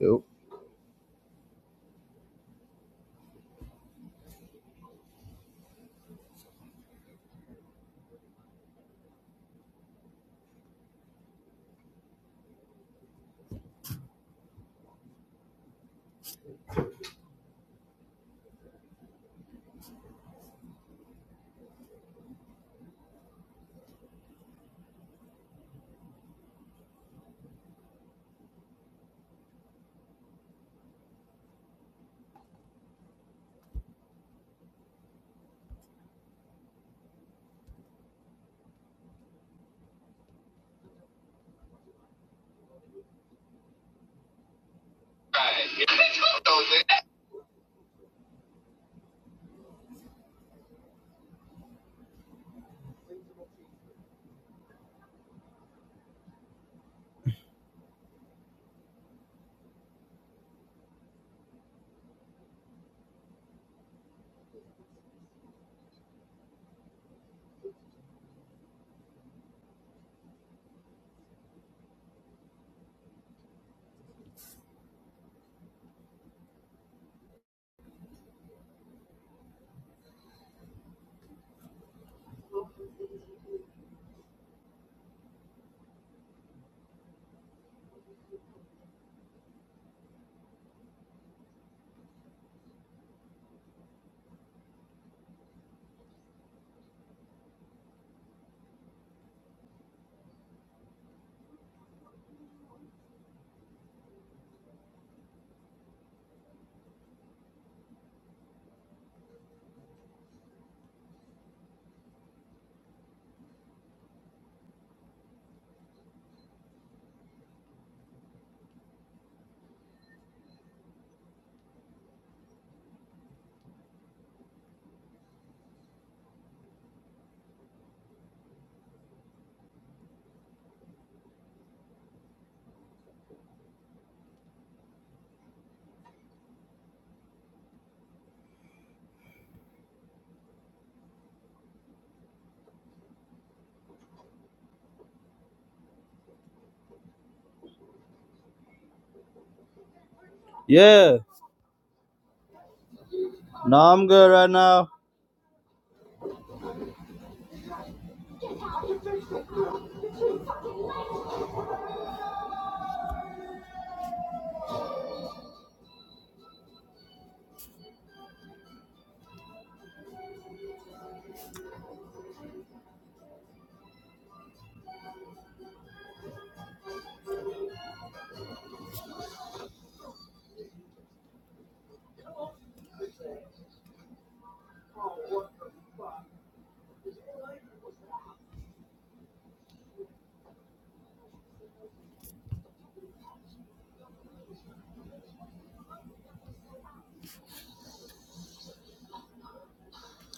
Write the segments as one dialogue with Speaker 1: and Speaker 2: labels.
Speaker 1: Yep. Yeah. No, I'm good right now.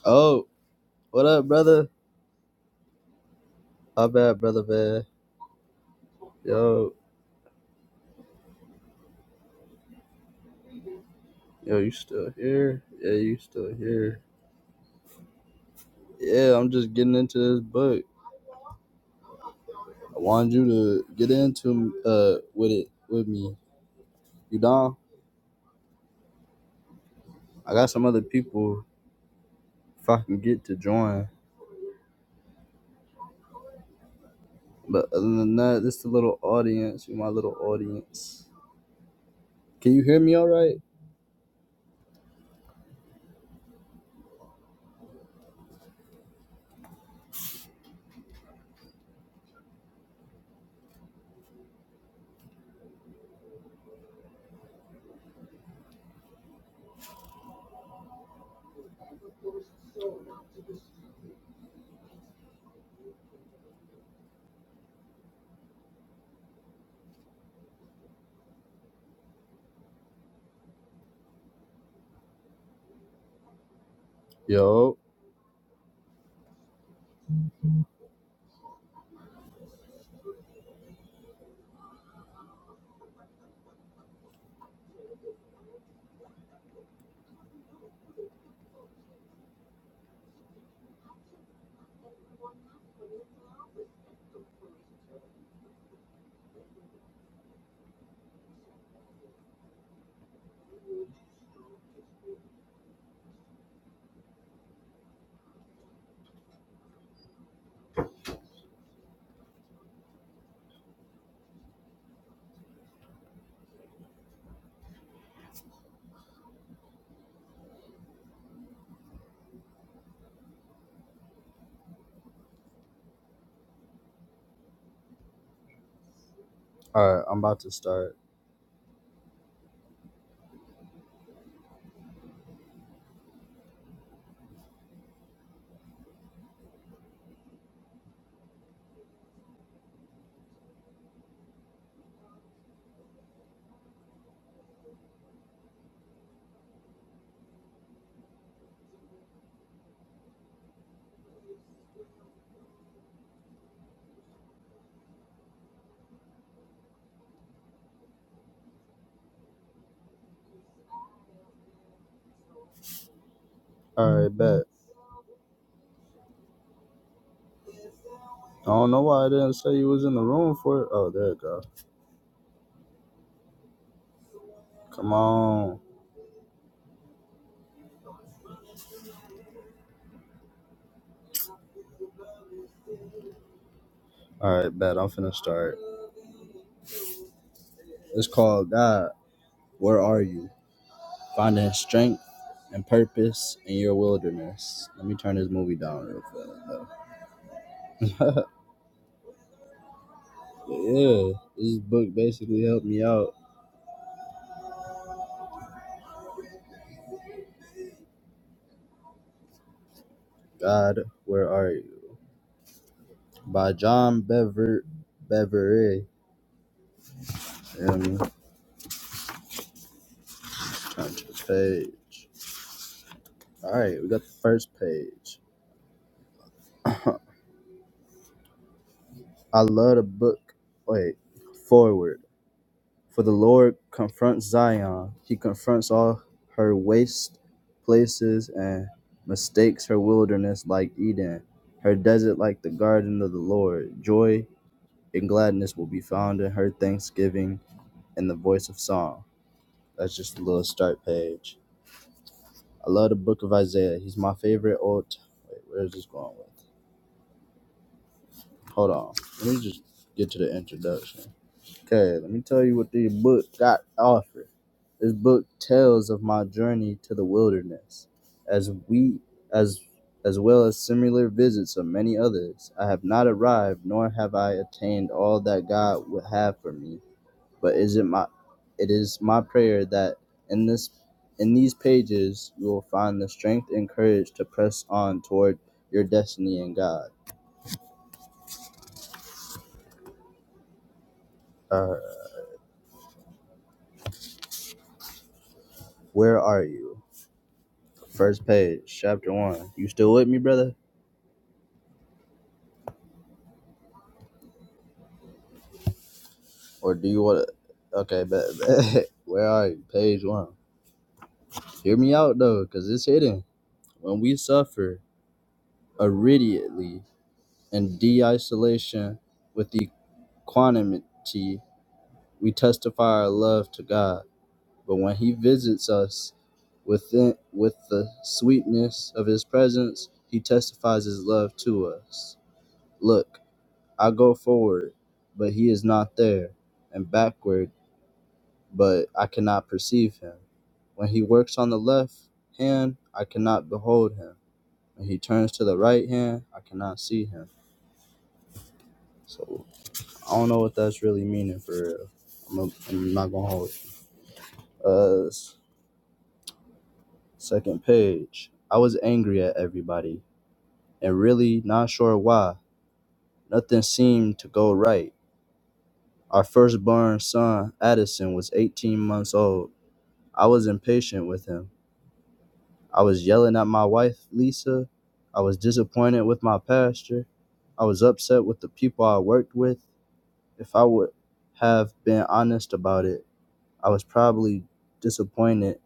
Speaker 1: Oh, what up, brother? How bad, brother, man? Yo, yo, you still here? Yeah, you still here? Yeah, I'm just getting into this book. I wanted you to get into uh with it with me. You down? I got some other people if I can get to join. But other than that, this is a little audience. You my little audience. Can you hear me all right? Yo. All right, I'm about to start. All right, bet. I don't know why I didn't say you was in the room for it. Oh, there you go. Come on. All right, bet. I'm finna start. It's called God, Where Are You? Finding Strength and Purpose in Your Wilderness. Let me turn this movie down real fast. yeah, this book basically helped me out. God, Where Are You? By John Bever Bevere. Feel me? Turn to the page. All right, we got the first page. I love the book. Wait, forward. For the Lord confronts Zion. He confronts all her waste places and mistakes her wilderness like Eden, her desert like the garden of the Lord. Joy and gladness will be found in her thanksgiving and the voice of song. That's just a little start page. I love the book of Isaiah. He's my favorite old. Wait, where's this going with? Hold on. Let me just get to the introduction. Okay, let me tell you what the book got offered. This book tells of my journey to the wilderness, as we as as well as similar visits of many others. I have not arrived, nor have I attained all that God would have for me. But is it my it is my prayer that in this in these pages you will find the strength and courage to press on toward your destiny in God. Uh, where are you? First page, chapter one. You still with me, brother? Or do you want Okay, bet, bet. Where are you? Page one. Hear me out though, because it's hidden. When we suffer immediately in de isolation with equanimity, we testify our love to God. But when He visits us within, with the sweetness of His presence, He testifies His love to us. Look, I go forward, but He is not there, and backward but I cannot perceive him. When he works on the left hand, I cannot behold him. When he turns to the right hand, I cannot see him. So I don't know what that's really meaning for real. I'm, a, I'm not gonna hold. It. Uh, second page. I was angry at everybody and really not sure why. Nothing seemed to go right. Our firstborn son, Addison, was 18 months old. I was impatient with him. I was yelling at my wife, Lisa. I was disappointed with my pastor. I was upset with the people I worked with. If I would have been honest about it, I was probably disappointed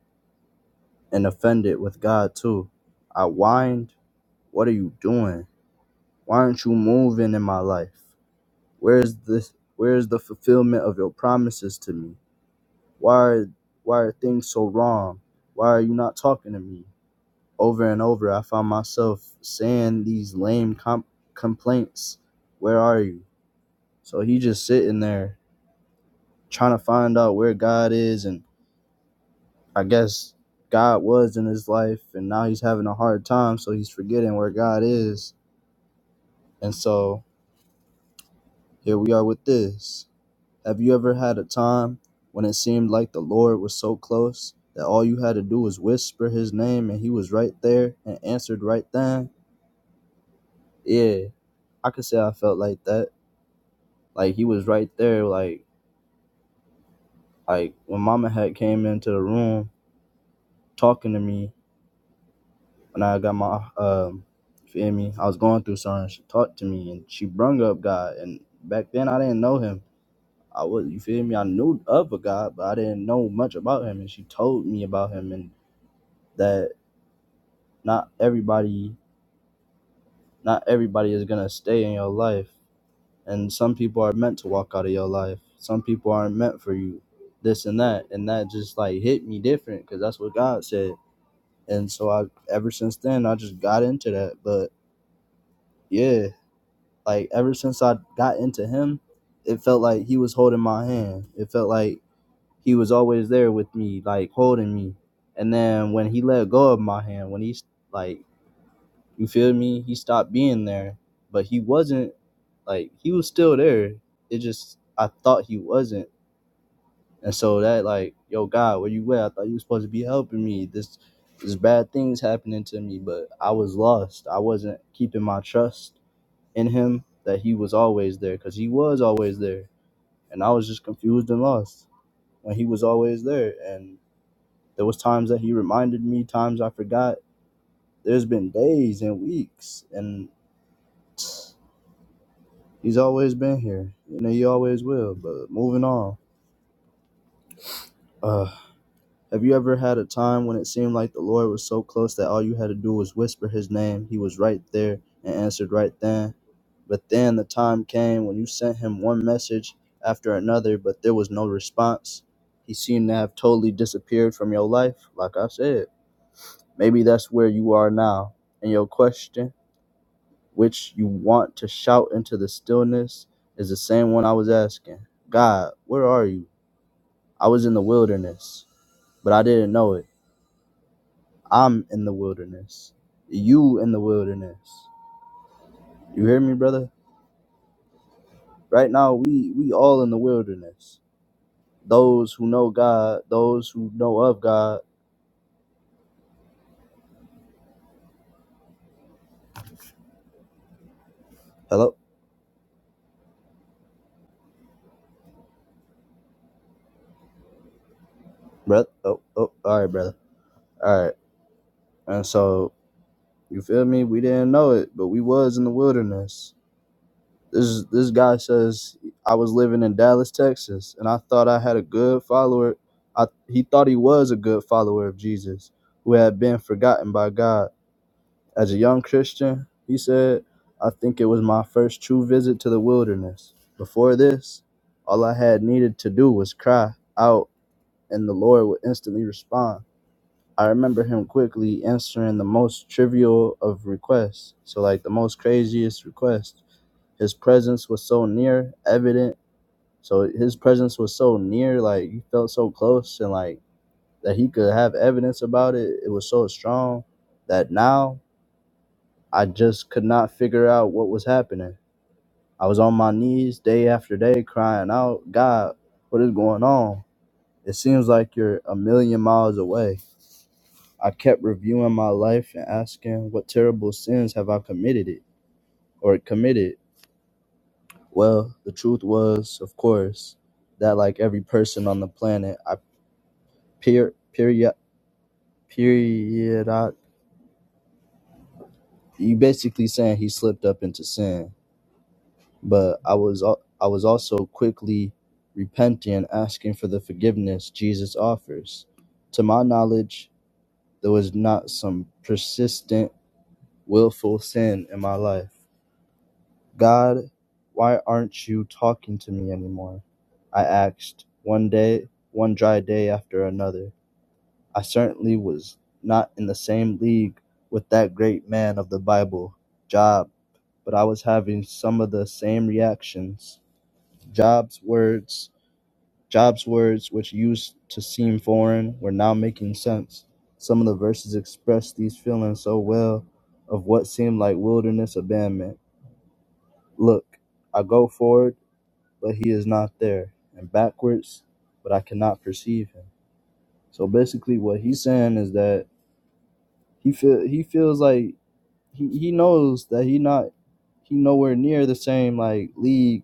Speaker 1: and offended with God too. I whined, "What are you doing? Why aren't you moving in my life? Where's this where's the fulfillment of your promises to me? Why are, why are things so wrong? Why are you not talking to me? over and over, I found myself saying these lame comp- complaints. Where are you? So he just sitting there trying to find out where God is, and I guess God was in his life, and now he's having a hard time, so he's forgetting where God is. And so here we are with this. Have you ever had a time when it seemed like the Lord was so close that all you had to do was whisper his name and he was right there and answered right then? Yeah, I could say I felt like that. Like he was right there. Like like when Mama had came into the room talking to me when I got my um feel me. I was going through something. She talked to me and she brung up God. And back then I didn't know him. I was you feel me. I knew of a God, but I didn't know much about him. And she told me about him and that not everybody not everybody is gonna stay in your life. and some people are meant to walk out of your life some people aren't meant for you this and that and that just like hit me different because that's what god said and so i ever since then i just got into that but yeah like ever since i got into him it felt like he was holding my hand it felt like he was always there with me like holding me and then when he let go of my hand when he like you feel me? He stopped being there, but he wasn't like he was still there. It just I thought he wasn't, and so that like, yo, God, where you at? I thought you were supposed to be helping me. This this bad things happening to me, but I was lost. I wasn't keeping my trust in Him that He was always there, because He was always there, and I was just confused and lost when He was always there. And there was times that He reminded me, times I forgot. There's been days and weeks, and He's always been here, and he always will. But moving on, uh, have you ever had a time when it seemed like the Lord was so close that all you had to do was whisper His name? He was right there and answered right then. But then the time came when you sent Him one message after another, but there was no response. He seemed to have totally disappeared from your life, like I said. Maybe that's where you are now, and your question, which you want to shout into the stillness, is the same one I was asking. God, where are you? I was in the wilderness, but I didn't know it. I'm in the wilderness. You in the wilderness. You hear me, brother? Right now we we all in the wilderness. Those who know God, those who know of God. Hello, brother. Oh, oh, all right, brother. All right. And so you feel me? We didn't know it, but we was in the wilderness. This this guy says I was living in Dallas, Texas, and I thought I had a good follower. I he thought he was a good follower of Jesus, who had been forgotten by God. As a young Christian, he said, I think it was my first true visit to the wilderness. Before this, all I had needed to do was cry out, and the Lord would instantly respond. I remember him quickly answering the most trivial of requests, so like the most craziest request. His presence was so near, evident. So his presence was so near, like you felt so close, and like that he could have evidence about it. It was so strong that now I just could not figure out what was happening. I was on my knees day after day, crying out, "God, what is going on? It seems like you're a million miles away." I kept reviewing my life and asking, "What terrible sins have I committed it or committed?" Well, the truth was, of course, that like every person on the planet, I per period period. I, You basically saying he slipped up into sin, but I was al- I was also quickly repenting and asking for the forgiveness Jesus offers. To my knowledge, there was not some persistent, willful sin in my life. God, why aren't you talking to me anymore? I asked one day, one dry day after another. I certainly was not in the same league with that great man of the Bible, Job, but I was having some of the same reactions. Job's words, Job's words which used to seem foreign were now making sense. Some of the verses expressed these feelings so well of what seemed like wilderness abandonment. Look, I go forward, but he is not there, and backwards, but I cannot perceive him. So basically what he's saying is that He feel he feels like he, he knows that he not he nowhere near the same like league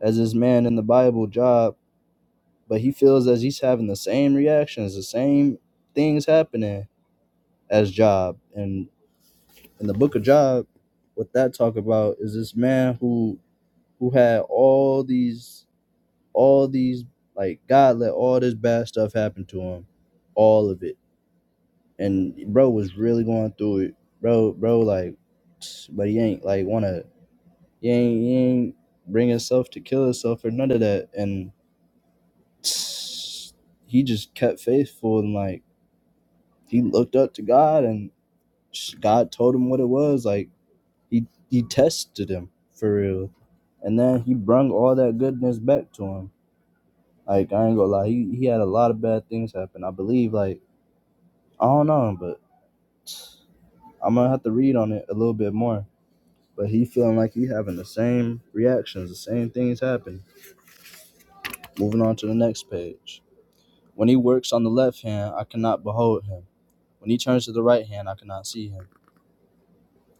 Speaker 1: as his man in the Bible job, but he feels as he's having the same reactions, the same things happening as Job. And in the book of Job, what that talk about is this man who who had all these all these like God let all this bad stuff happen to him. All of it and bro was really going through it. Bro, bro, like, but he ain't like wanna, he ain't, he ain't bring himself to kill himself or none of that. And he just kept faithful and like he looked up to God and God told him what it was. Like he he tested him for real, and then he brung all that goodness back to him. Like I ain't gonna lie, he, he had a lot of bad things happen. I believe like I don't know, but I'm gonna have to read on it a little bit more But he feeling like he having the same reactions, the same things happen. Moving on to the next page. When he works on the left hand, I cannot behold him. When he turns to the right hand, I cannot see him.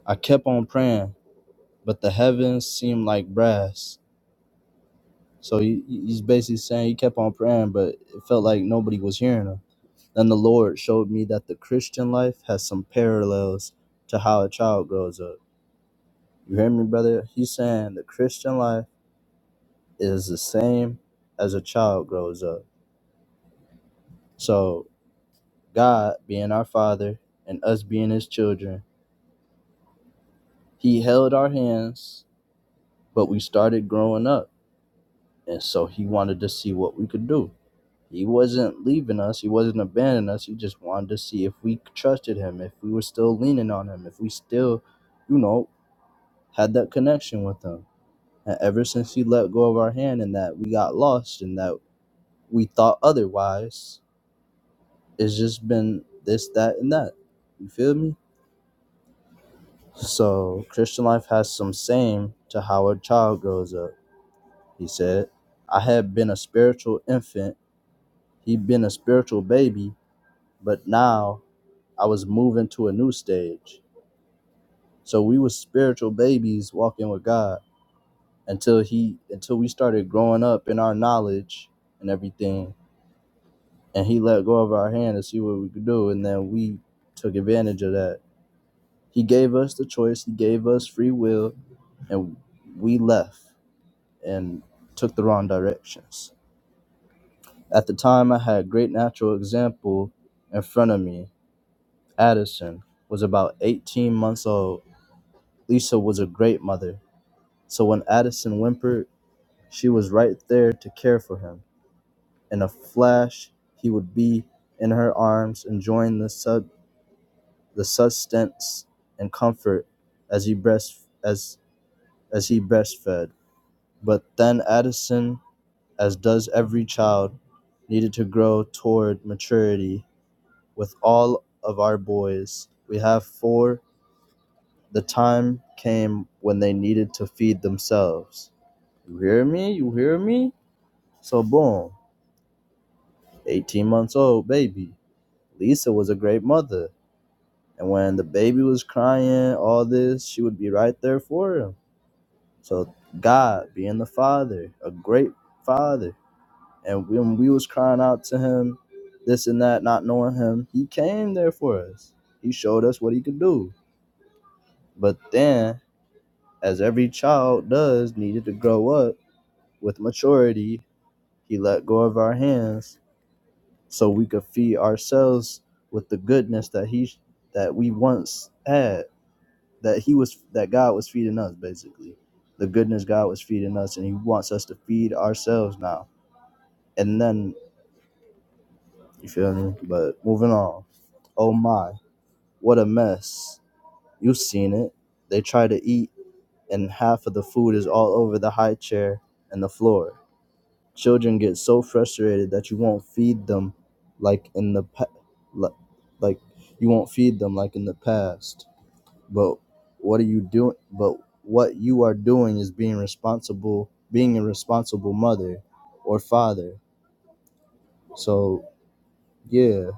Speaker 1: I kept on praying, but the heavens seemed like brass. So he, he's basically saying he kept on praying, but it felt like nobody was hearing him. Then the Lord showed me that the Christian life has some parallels to how a child grows up. You hear me, brother? He's saying the Christian life is the same as a child grows up So, God being our Father and us being His children, He held our hands, but we started growing up. And so, He wanted to see what we could do. He wasn't leaving us, He wasn't abandoning us. He just wanted to see if we trusted Him, if we were still leaning on Him, if we still, you know, had that connection with Him. And ever since He let go of our hand and that we got lost and that we thought otherwise, it's just been this, that, and that. You feel me? So Christian life has some same to how a child grows up, he said. I had been a spiritual infant, he'd been a spiritual baby, but now I was moving to a new stage. So we were spiritual babies walking with God until he until we started growing up in our knowledge and everything. And he let go of our hand to see what we could do, and then we took advantage of that. He gave us the choice, he gave us free will, and we left and took the wrong directions. At the time, I had a great natural example in front of me. Addison was about 18 months old. Lisa was a great mother. So when Addison whimpered, she was right there to care for him. In a flash, he would be in her arms, enjoying the sub the sustenance and comfort as he breast as as he breastfed. But then Addison as does every child, needed to grow toward maturity. With all of our boys, we have four. the time came when they needed to feed themselves. You hear me? You hear me? So, boom, 18 months old baby. Lisa was a great mother. And when the baby was crying, all this, she would be right there for him. So, God being the father, a great father, And when we was crying out to him, this and that, not knowing him, he came there for us. He showed us what he could do. But then, as every child does, needed to grow up with maturity, he let go of our hands so we could feed ourselves with the goodness that he that we once had, that he was that God was feeding us basically. The goodness God was feeding us and he wants us to feed ourselves now. And then you feel me? But moving on. Oh my. What a mess. You've seen it. They try to eat, and half of the food is all over the high chair and the floor. Children get so frustrated that you won't feed them like in the pa- li- like you won't feed them like in the past. But what are you doing? But what you are doing is being responsible, being a responsible mother or father. So, yeah,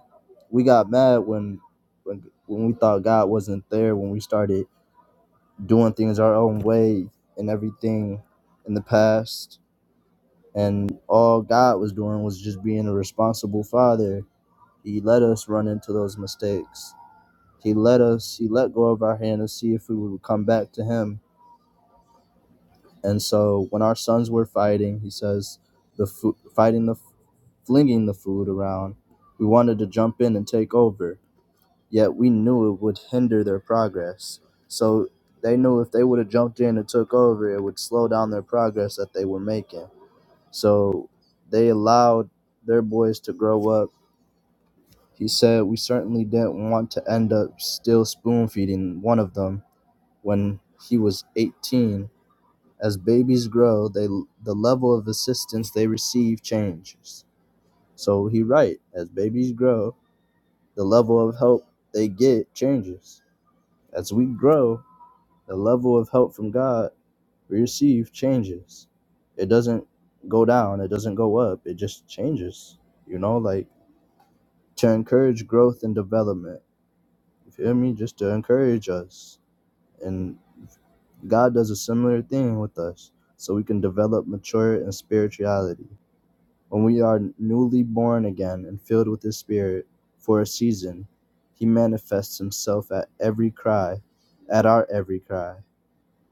Speaker 1: we got mad when when when we thought God wasn't there when we started doing things our own way and everything in the past. And all God was doing was just being a responsible father. He let us run into those mistakes. He let us, he let go of our hand to see if we would come back to him. And so when our sons were fighting, he says, the food, fighting the, flinging the food around, we wanted to jump in and take over. yet we knew it would hinder their progress. So they knew if they would have jumped in and took over, it would slow down their progress that they were making. So they allowed their boys to grow up. He said, We certainly didn't want to end up still spoon feeding one of them when he was 18. As babies grow, they the level of assistance they receive changes. So he right, as babies grow, the level of help they get changes. As we grow, the level of help from God we receive changes. It doesn't go down, it doesn't go up, it just changes. You know, like to encourage growth and development. You feel me? Just to encourage us. And God does a similar thing with us so we can develop, mature in spirituality. When we are newly born again and filled with His Spirit for a season, He manifests Himself at every cry, at our every cry.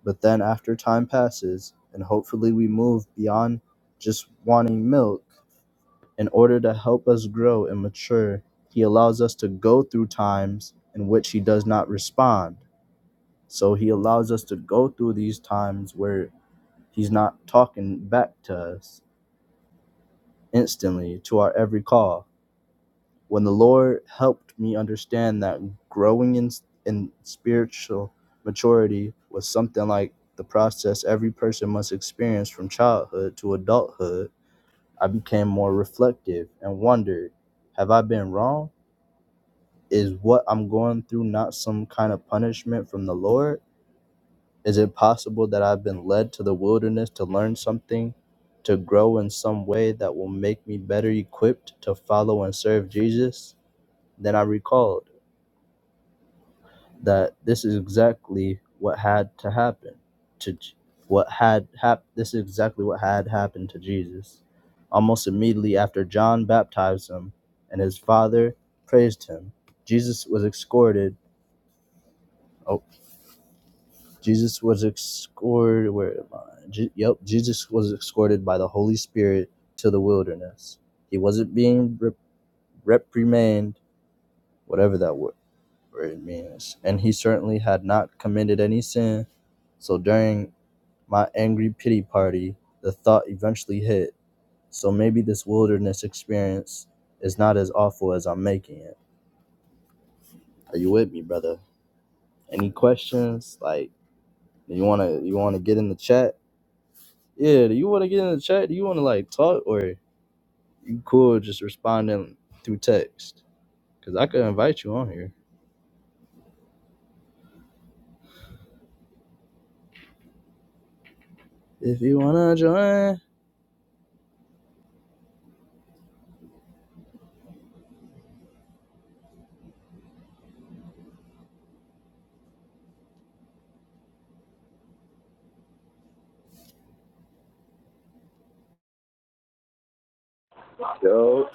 Speaker 1: But then after time passes, and hopefully we move beyond just wanting milk, in order to help us grow and mature, He allows us to go through times in which He does not respond. So He allows us to go through these times where He's not talking back to us instantly to our every call when the Lord helped me understand that growing in, in spiritual maturity was something like the process every person must experience from childhood to adulthood, I became more reflective and wondered have I been wrong? Is what I'm going through not some kind of punishment from the Lord? Is it possible that I've been led to the wilderness to learn something, to grow in some way that will make me better equipped to follow and serve Jesus? Then I recalled. that this is exactly what had to happen to J- what had hap- this is exactly what had happened to Jesus. Almost immediately after John baptized him and his father praised him, Jesus was escorted. Oh, Jesus was escorted. Where am I? Je- yep, Jesus was escorted by the Holy Spirit to the wilderness. He wasn't being rep- reprimanded, whatever that word, word means, and he certainly had not committed any sin. So during my angry pity party, the thought eventually hit. So maybe this wilderness experience is not as awful as I'm making it. Are you with me, brother? Any questions? Like, do you wanna you wanna get in the chat? Yeah, do you wanna get in the chat? Do you wanna like talk or you cool just responding through text? Cause I could invite you on here if you wanna join. Yo,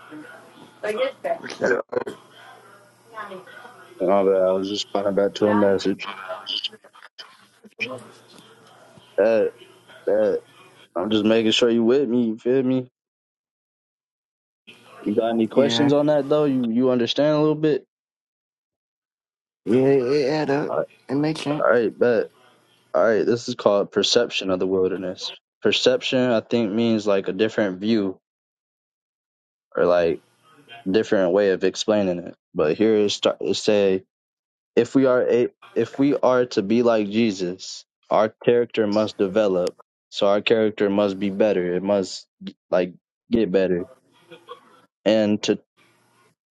Speaker 1: my bad. I was just responding back to a message. That that I'm just making sure you with me. You feel me? You got any questions
Speaker 2: Yeah.
Speaker 1: on that though? You you understand a little bit?
Speaker 2: Yeah, it add up.
Speaker 1: All right,
Speaker 2: It makes sense.
Speaker 1: all right, bet. All right, this is called perception of the wilderness. Perception, I think, means like a different view or like different way of explaining it. But here it start it say if we are a, if we are to be like Jesus, our character must develop. So our character must be better. It must like get better. And to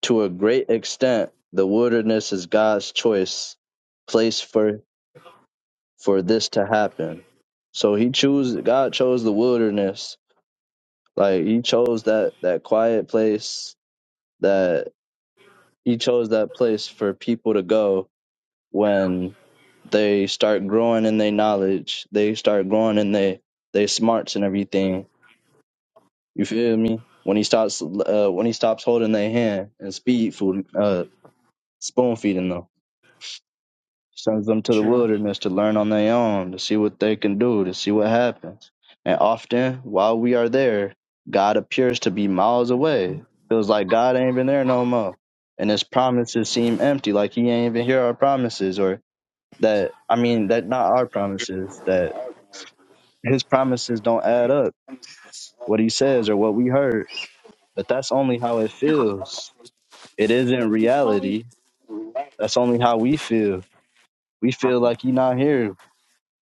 Speaker 1: to a great extent, the wilderness is God's choice place for for this to happen. So he chose God chose the wilderness. Like he chose that that quiet place that he chose that place for people to go when they start growing in their knowledge, they start growing in their they smarts and everything. You feel me? When he stops uh when he stops holding their hand and speed food uh spoon feeding them. sends them to the
Speaker 2: True.
Speaker 1: wilderness to learn on their own, to see what they can do, to see what happens. And often, while we are there, God appears to be miles away. Feels like God ain't even there no more. And his promises seem empty, like he ain't even hear our promises, or that, I mean, that not our promises, that his promises don't add up, what he says or what we heard. But that's only how it feels. It isn't reality. That's only how we feel. We feel like he not here.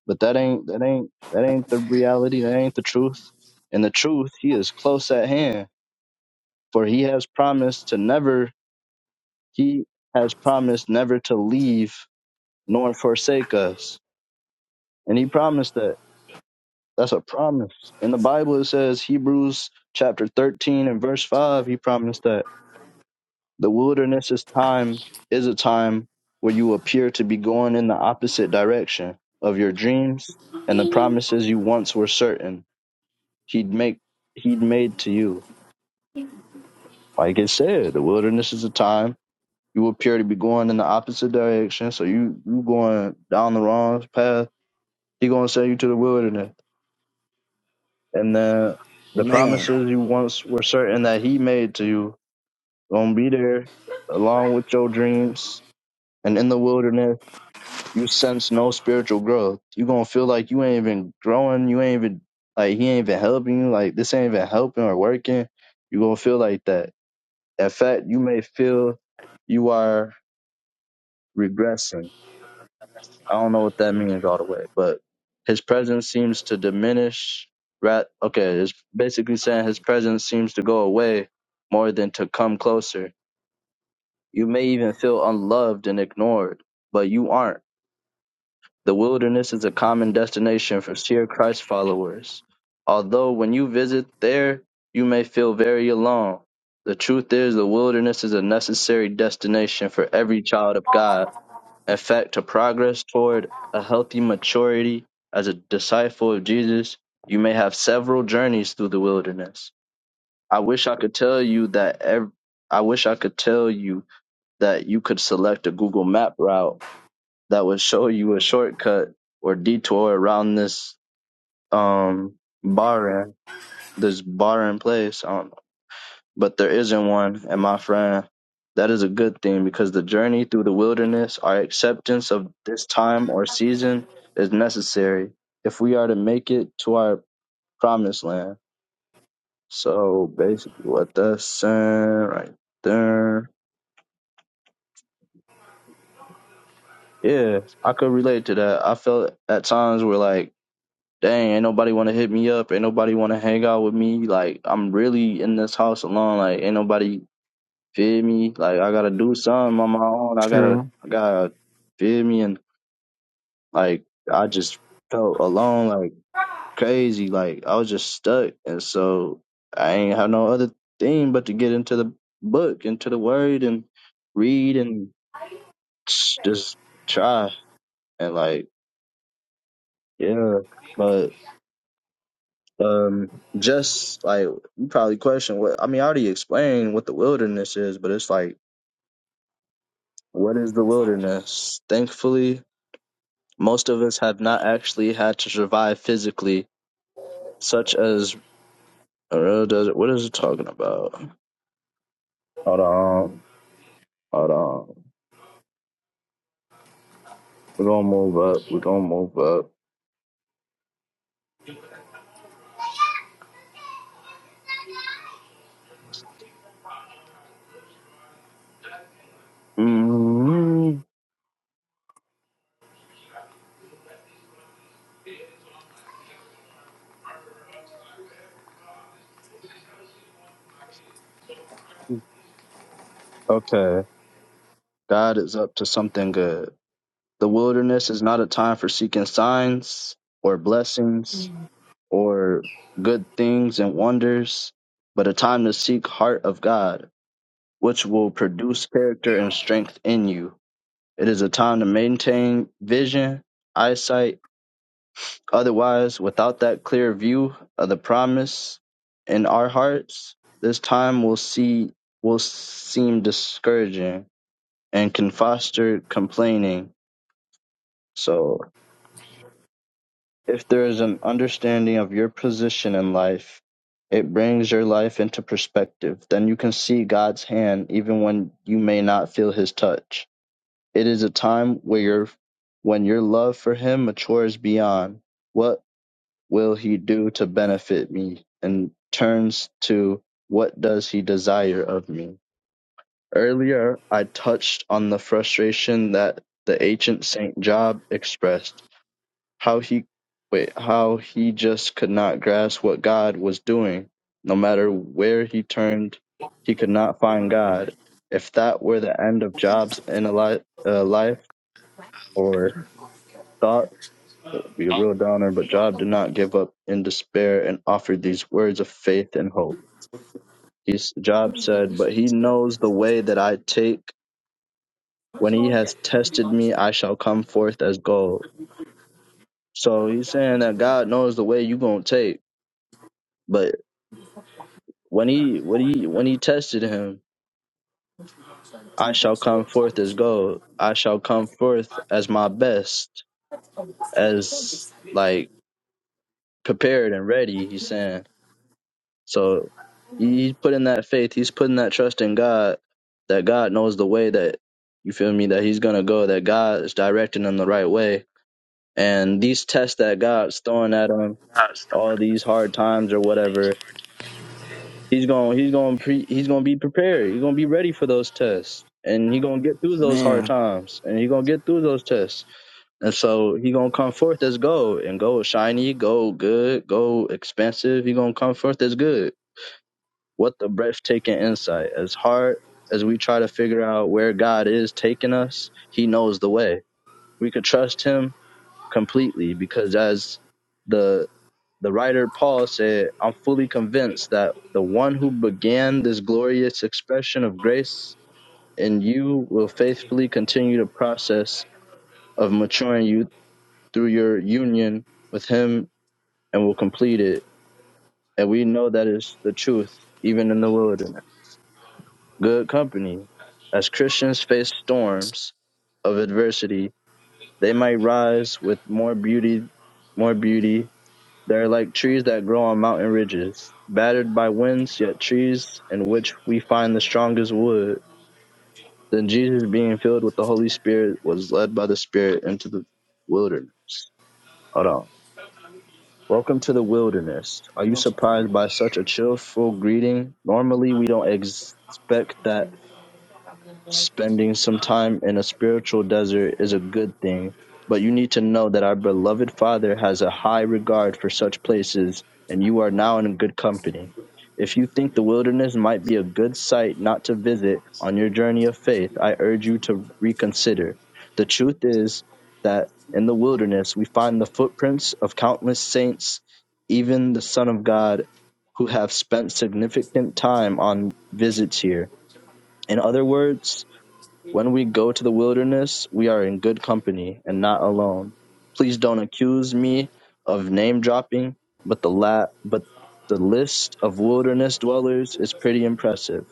Speaker 1: But that ain't that ain't that ain't the reality. That ain't the truth. And the truth, he is close at hand, for he has promised to never. He has promised never to leave nor forsake us, and he promised that. That's a promise. In the Bible, it says Hebrews chapter thirteen and verse five. He promised that the wilderness is time is a time where you appear to be going in the opposite direction of your dreams and the promises you once were certain he'd make he'd made to you. Like it said, the wilderness is a time. You appear to be going in the opposite direction, so you you going down the wrong path. He gonna send you to the wilderness, and then the
Speaker 2: Man.
Speaker 1: promises you once were certain that he made to you gonna be there along with your dreams. And in the wilderness, you sense no spiritual growth. You gonna feel like you ain't even growing. You ain't even like he ain't even helping you. Like this ain't even helping or working. You gonna feel like that In fact, you may feel you are regressing. I don't know what that means all the way, but his presence seems to diminish. Rat, okay, it's basically saying his presence seems to go away more than to come closer. You may even feel unloved and ignored, but you aren't. The wilderness is a common destination for sheer Christ followers. Although when you visit there, you may feel very alone. The truth is, the wilderness is a necessary destination for every child of God. In fact, to progress toward a healthy maturity as a disciple of Jesus, you may have several journeys through the wilderness. I wish I could tell you that ev- I wish I could tell you that you could select a Google map route that would show you a shortcut or detour around this um barren this barren place. Um, but there isn't one, and my friend, that is a good thing because the journey through the wilderness, our acceptance of this time or season, is necessary if we are to make it to our promised land. So basically, what that's saying right there. Yeah, I could relate to that. I felt at times where like dang, ain't nobody want to hit me up. Ain't nobody want to hang out with me. Like, I'm really in this house alone. Like, ain't nobody feed me. Like, I gotta do something on my own. I gotta,
Speaker 2: True.
Speaker 1: I gotta feed me. And like, I just felt alone, like crazy. Like, I was just stuck. And so I ain't have no other thing but to get into the book, into the word and read and just try. And like, yeah, but Um, just like you probably question what I mean, I already explained what the wilderness is, but it's like, what is the wilderness? Thankfully, most of us have not actually had to survive physically, such as uh, does it, what is it talking about? Hold on, hold on. We're gonna move up. We're gonna move up. hmm Okay, God is up to something good. The wilderness is not a time for seeking signs or blessings or good things and wonders, but a time to seek heart of God, which will produce character and strength in you. It is a time to maintain vision, eyesight. Otherwise, without that clear view of the promise in our hearts, this time will see will seem discouraging and can foster complaining. So If there is an understanding of your position in life, it brings your life into perspective. Then you can see God's hand even when you may not feel his touch. It is a time where your when your love for him matures beyond what will he do to benefit me and turns to what does he desire of me. Earlier I touched on the frustration that the ancient Saint Job expressed how he wait, how he just could not grasp what God was doing. No matter where he turned, he could not find God. If that were the end of Job's in a li- uh, life or thought, it'd be a real downer. But Job did not give up in despair and offered these words of faith and hope. He's, Job said, "But he knows the way that I take. When he has tested me, I shall come forth as gold." So he's saying that God knows the way you're gonna take. But when he when he when he tested him, I shall come forth as gold. I shall come forth as my best, as like prepared and ready. He's saying so. he- He's putting that faith. He's putting that trust in God. That God knows the way that you feel me. That He's gonna go. That God is directing him the right way. And these tests that God's throwing at him, all these hard times or whatever, He's going he's going to pre, he's going to be prepared. He's going to be ready for those tests. And he's going to get through those hard
Speaker 2: Man.
Speaker 1: times and he's going to get through those tests. And so he's going to come forth as gold and gold shiny, gold good, gold expensive. He's going to come forth as good. What the breathtaking insight. As hard as we try to figure out where God is taking us, he knows the way. We could trust him completely because as the the writer Paul said, I'm fully convinced that the one who began this glorious expression of grace in you will faithfully continue the process of maturing you through your union with him and will complete it. And we know that is the truth, even in the wilderness. Good company. As Christians face storms of adversity, they might rise with more beauty, more beauty They're like trees that grow on mountain ridges, battered by winds, yet trees in which we find the strongest wood. Then Jesus, being filled with the Holy Spirit, was led by the Spirit into the wilderness. Hold on. Welcome to the wilderness. Are you
Speaker 2: What's your
Speaker 1: surprised
Speaker 2: problem?
Speaker 1: by such a cheerful greeting? Normally, we don't expect that Spending some time in a spiritual desert is a good thing, but you need to know that our beloved Father has a high regard for such places, and you are now in good company. If you think the wilderness might be a good site not to visit on your journey of faith, I urge you to reconsider. The truth is that in the wilderness we find the footprints of countless saints, even the Son of God, who have spent significant time on visits here. In other words, when we go to the wilderness, we are in good company and not alone. Please don't accuse me of name dropping, but the la- but the list of wilderness dwellers is pretty impressive.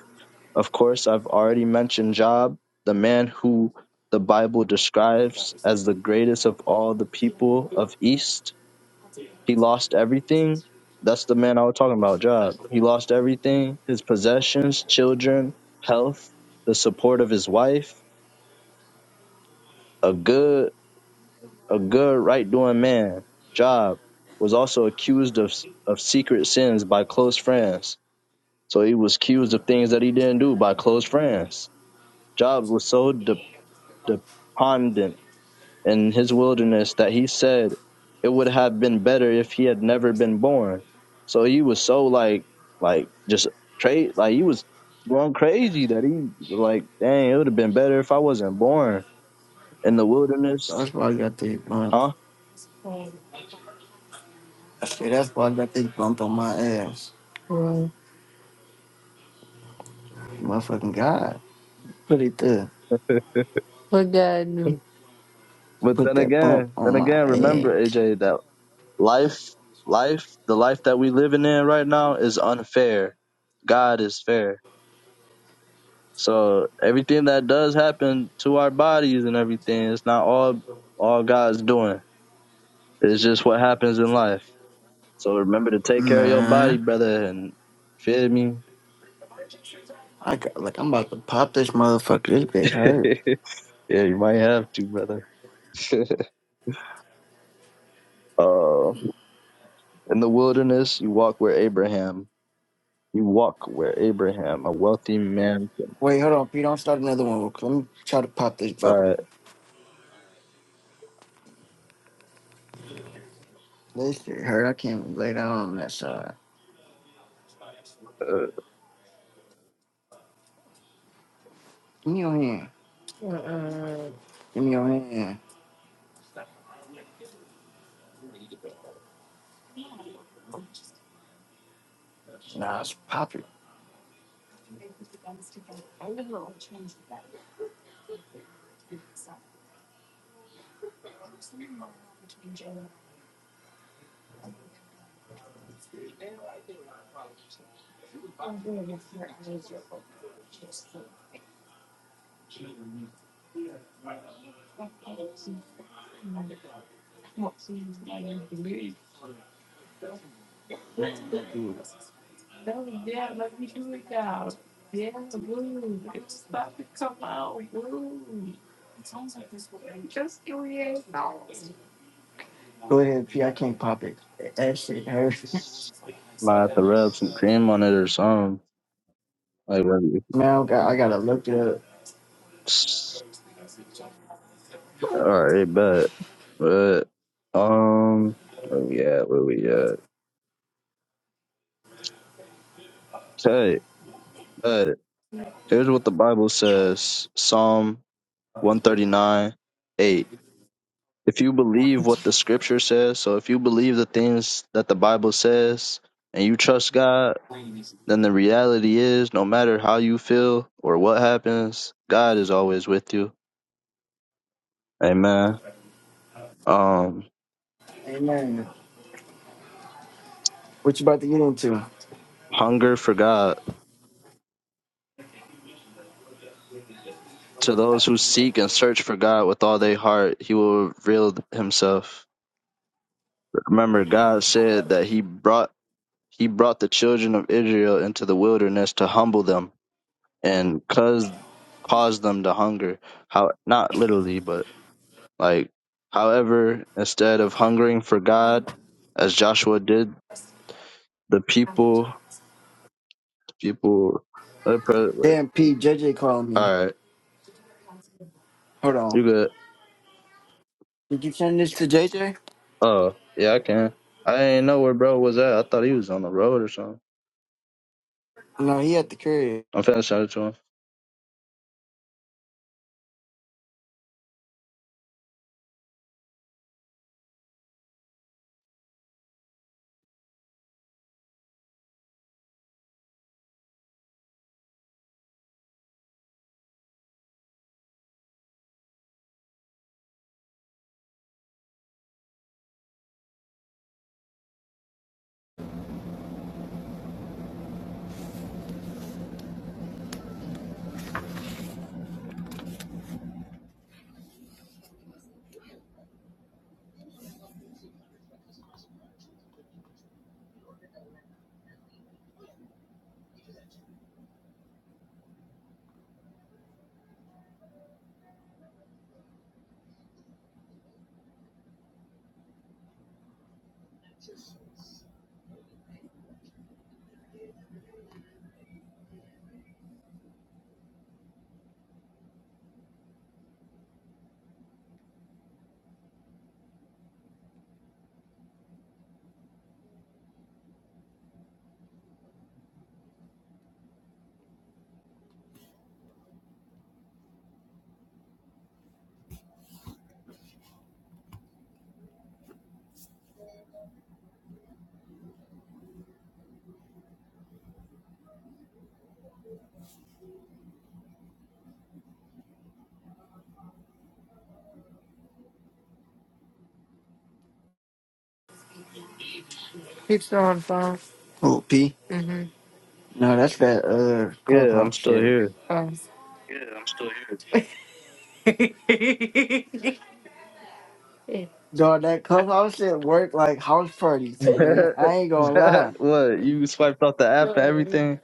Speaker 1: Of course, I've already mentioned Job, the man who the Bible describes as the greatest of all the people of East. He lost everything. That's the man I was talking about, Job. He lost everything his possessions, children, health, the support of his wife a good a good right doing man, Job, was also accused of of secret sins by close friends. So he was accused of things that he didn't do by close friends. Job was so de- dependent in his wilderness that he said it would have been better if he had never been born. So he was so like like just trade like he was going crazy that he was like, dang, it would have been better if I wasn't born in the wilderness,
Speaker 2: That's why I got this bump.
Speaker 1: huh?
Speaker 2: I said that's why I got this bump on my ass. Motherfucking God. Put it there.
Speaker 1: But
Speaker 2: Put
Speaker 1: then
Speaker 2: that bump
Speaker 1: again,
Speaker 2: on
Speaker 1: then
Speaker 2: my
Speaker 1: again, remember
Speaker 2: ass.
Speaker 1: AJ that life, life, the life that we living in right now is unfair. God is fair. So everything that does happen to our bodies and everything, it's not all all God's doing. It's just what happens in life. So remember to take care of your body,
Speaker 2: Man.
Speaker 1: brother, and feel me.
Speaker 2: I got like I'm about to pop this motherfucker. This bitch hurt.
Speaker 1: yeah, you might have to, brother. uh, in the wilderness, you walk where Abraham. You walk where Abraham, a wealthy man
Speaker 2: Wait, hold on, Pete. Don't start another one. Let me try to pop this bubble.
Speaker 1: Alright,
Speaker 2: This shit hurt. I can't lay down on that side.
Speaker 1: uh,
Speaker 2: Give me your hand. Give me your hand. Nah, it's popping. Go ahead, P. I can't pop it. That shit hurt.
Speaker 1: might have to rub some cream on it or something. Like, when-
Speaker 2: Man, I gotta, I gotta look it up.
Speaker 1: alright, bet. But, um, where we at? Where we at? Okay, bet. Here's what the Bible says Psalm 139 8. If you believe what the scripture says, so if you believe the things that the Bible says and you trust God, then the reality is no matter how you feel or what happens, God is always with you. Amen. um,
Speaker 2: Amen. What you about to get into?
Speaker 1: hunger for God. To those who seek and search for God with all their heart, He will reveal Himself. Remember, God said that He brought He brought the children of Israel into the wilderness to humble them and cause cause them to hunger. How not literally, but like, however, instead of hungering for God, as Joshua did, the people, people. All
Speaker 2: Damn, P. J. J. JJ called me.
Speaker 1: right,
Speaker 2: Hold
Speaker 1: you
Speaker 2: on.
Speaker 1: good.
Speaker 2: Did you send this to J. J.?
Speaker 1: Oh, yeah, I can. I didn't know where bro was at. I thought he was on the road or something.
Speaker 2: No, he at the crib.
Speaker 1: I'm finna send it to him.
Speaker 2: Oh, P? No, that's that uh
Speaker 1: Yeah, I'm
Speaker 2: clubhouse
Speaker 1: still
Speaker 2: shit.
Speaker 1: here.
Speaker 2: Dog, that clubhouse shit work like house parties, man. I ain't gonna lie.
Speaker 1: what? You swiped off the app and everything?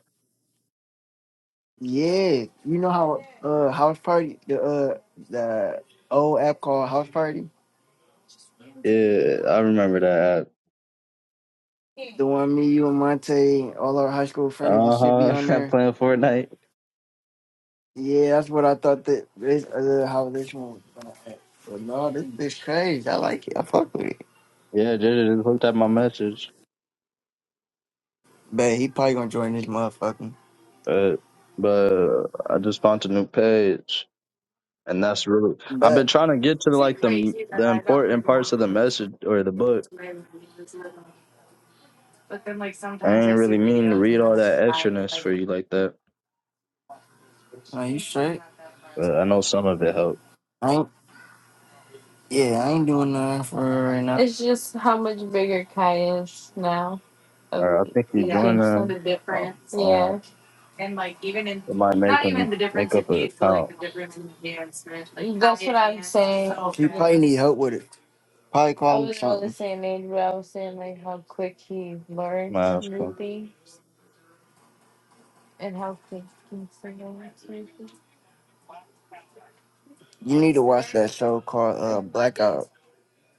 Speaker 2: Yeah, you know how uh house party the uh the old app called House Party,
Speaker 1: Yeah, I remember that app.
Speaker 2: the one me, you, and Monte, all our high school friends and
Speaker 1: Uh
Speaker 2: shit be on
Speaker 1: huh. I'm
Speaker 2: there.
Speaker 1: playing Fortnite.
Speaker 2: Yeah, that's what I thought that this uh, how this one. was gonna act. But no, this bitch crazy. I like it. I fuck with it.
Speaker 1: Yeah, Jada just looked at my message.
Speaker 2: But he probably gonna join this motherfucking.
Speaker 1: But, but I just found a new page. And that's really. I've been
Speaker 2: But
Speaker 1: trying to get to like the the important parts of the message or the book. I ain't really mean to read all that extraness for you like that.
Speaker 2: are you straight?
Speaker 1: But I know some of it helped.
Speaker 2: I ain't. Yeah, I ain't doing nothing for her right now. It's just how much bigger Kai is now of
Speaker 1: Or I think he joined
Speaker 2: Kingston.
Speaker 1: a, um, um,
Speaker 2: Yeah.
Speaker 1: it might make him make up a account.
Speaker 2: He probably need help with it. Probably call him I wasn't really something. saying age, but I was saying like how quick he
Speaker 1: I'm
Speaker 2: learned
Speaker 1: gonna ask
Speaker 2: new
Speaker 1: him.
Speaker 2: things. and how things can turn out maybe. You need to watch that show called uh, Blackout.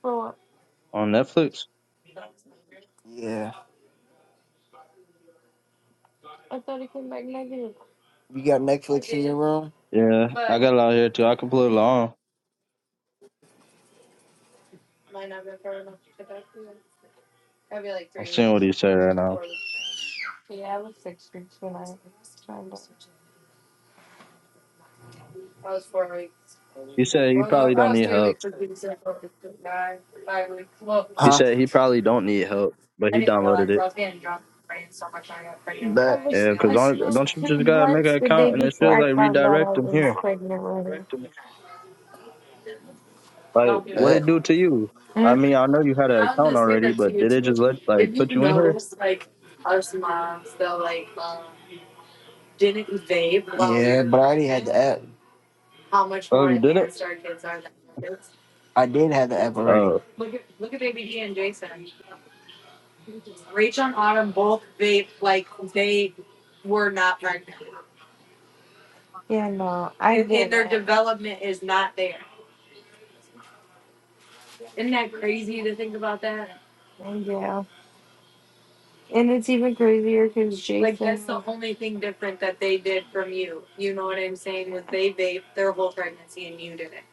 Speaker 2: For what?
Speaker 1: On Netflix?
Speaker 2: Yeah. I thought it came back negative. You got Netflix in your room?
Speaker 1: Yeah, I
Speaker 2: But
Speaker 1: got it out here too. I can put it on.
Speaker 2: might not be It'd like
Speaker 1: I'm
Speaker 2: three
Speaker 1: seeing what
Speaker 2: weeks,
Speaker 1: he said right
Speaker 2: weeks.
Speaker 1: now.
Speaker 2: four weeks. Yeah, I was six weeks when I was signed up. Huh?
Speaker 1: He said he probably don't need help. He said he probably don't need help, but
Speaker 2: I
Speaker 1: he
Speaker 2: didn't
Speaker 1: downloaded
Speaker 2: realize I
Speaker 1: it.
Speaker 2: was getting drunk and praying so much I got pregnant. But I, was
Speaker 1: Yeah,
Speaker 2: I
Speaker 1: cause
Speaker 2: I
Speaker 1: on,
Speaker 2: smoked
Speaker 1: don't you just
Speaker 2: two
Speaker 1: gotta make an
Speaker 2: blunts the day
Speaker 1: account and it
Speaker 2: before
Speaker 1: should
Speaker 2: I
Speaker 1: like
Speaker 2: found out I
Speaker 1: redirect him
Speaker 2: was
Speaker 1: here.
Speaker 2: pregnant do
Speaker 1: Like, what it do to you? I
Speaker 2: Mm.
Speaker 1: mean, I know you had
Speaker 2: And
Speaker 1: an
Speaker 2: I was
Speaker 1: account
Speaker 2: gonna say
Speaker 1: already,
Speaker 2: that to
Speaker 1: but
Speaker 2: you
Speaker 1: did it
Speaker 2: too.
Speaker 1: just let like
Speaker 2: If you
Speaker 1: put you in here?
Speaker 2: notice, like us moms that like um, didn't vape while we yeah, were but I already had the app. how much
Speaker 1: Oh,
Speaker 2: more
Speaker 1: you did it?
Speaker 2: advanced our kids are than our kids. I did have the app already.
Speaker 1: Oh,
Speaker 2: Look at look at baby G and Jason. Rachel and Autumn both vape like they were not pregnant. Yeah, no, I And, and get their it. development is not there. Isn't that crazy to think about that? Yeah. And it's even crazier because Jason. Like that's the only thing different that they did from you. You know what I'm saying? Was they vaped their whole pregnancy and you didn't.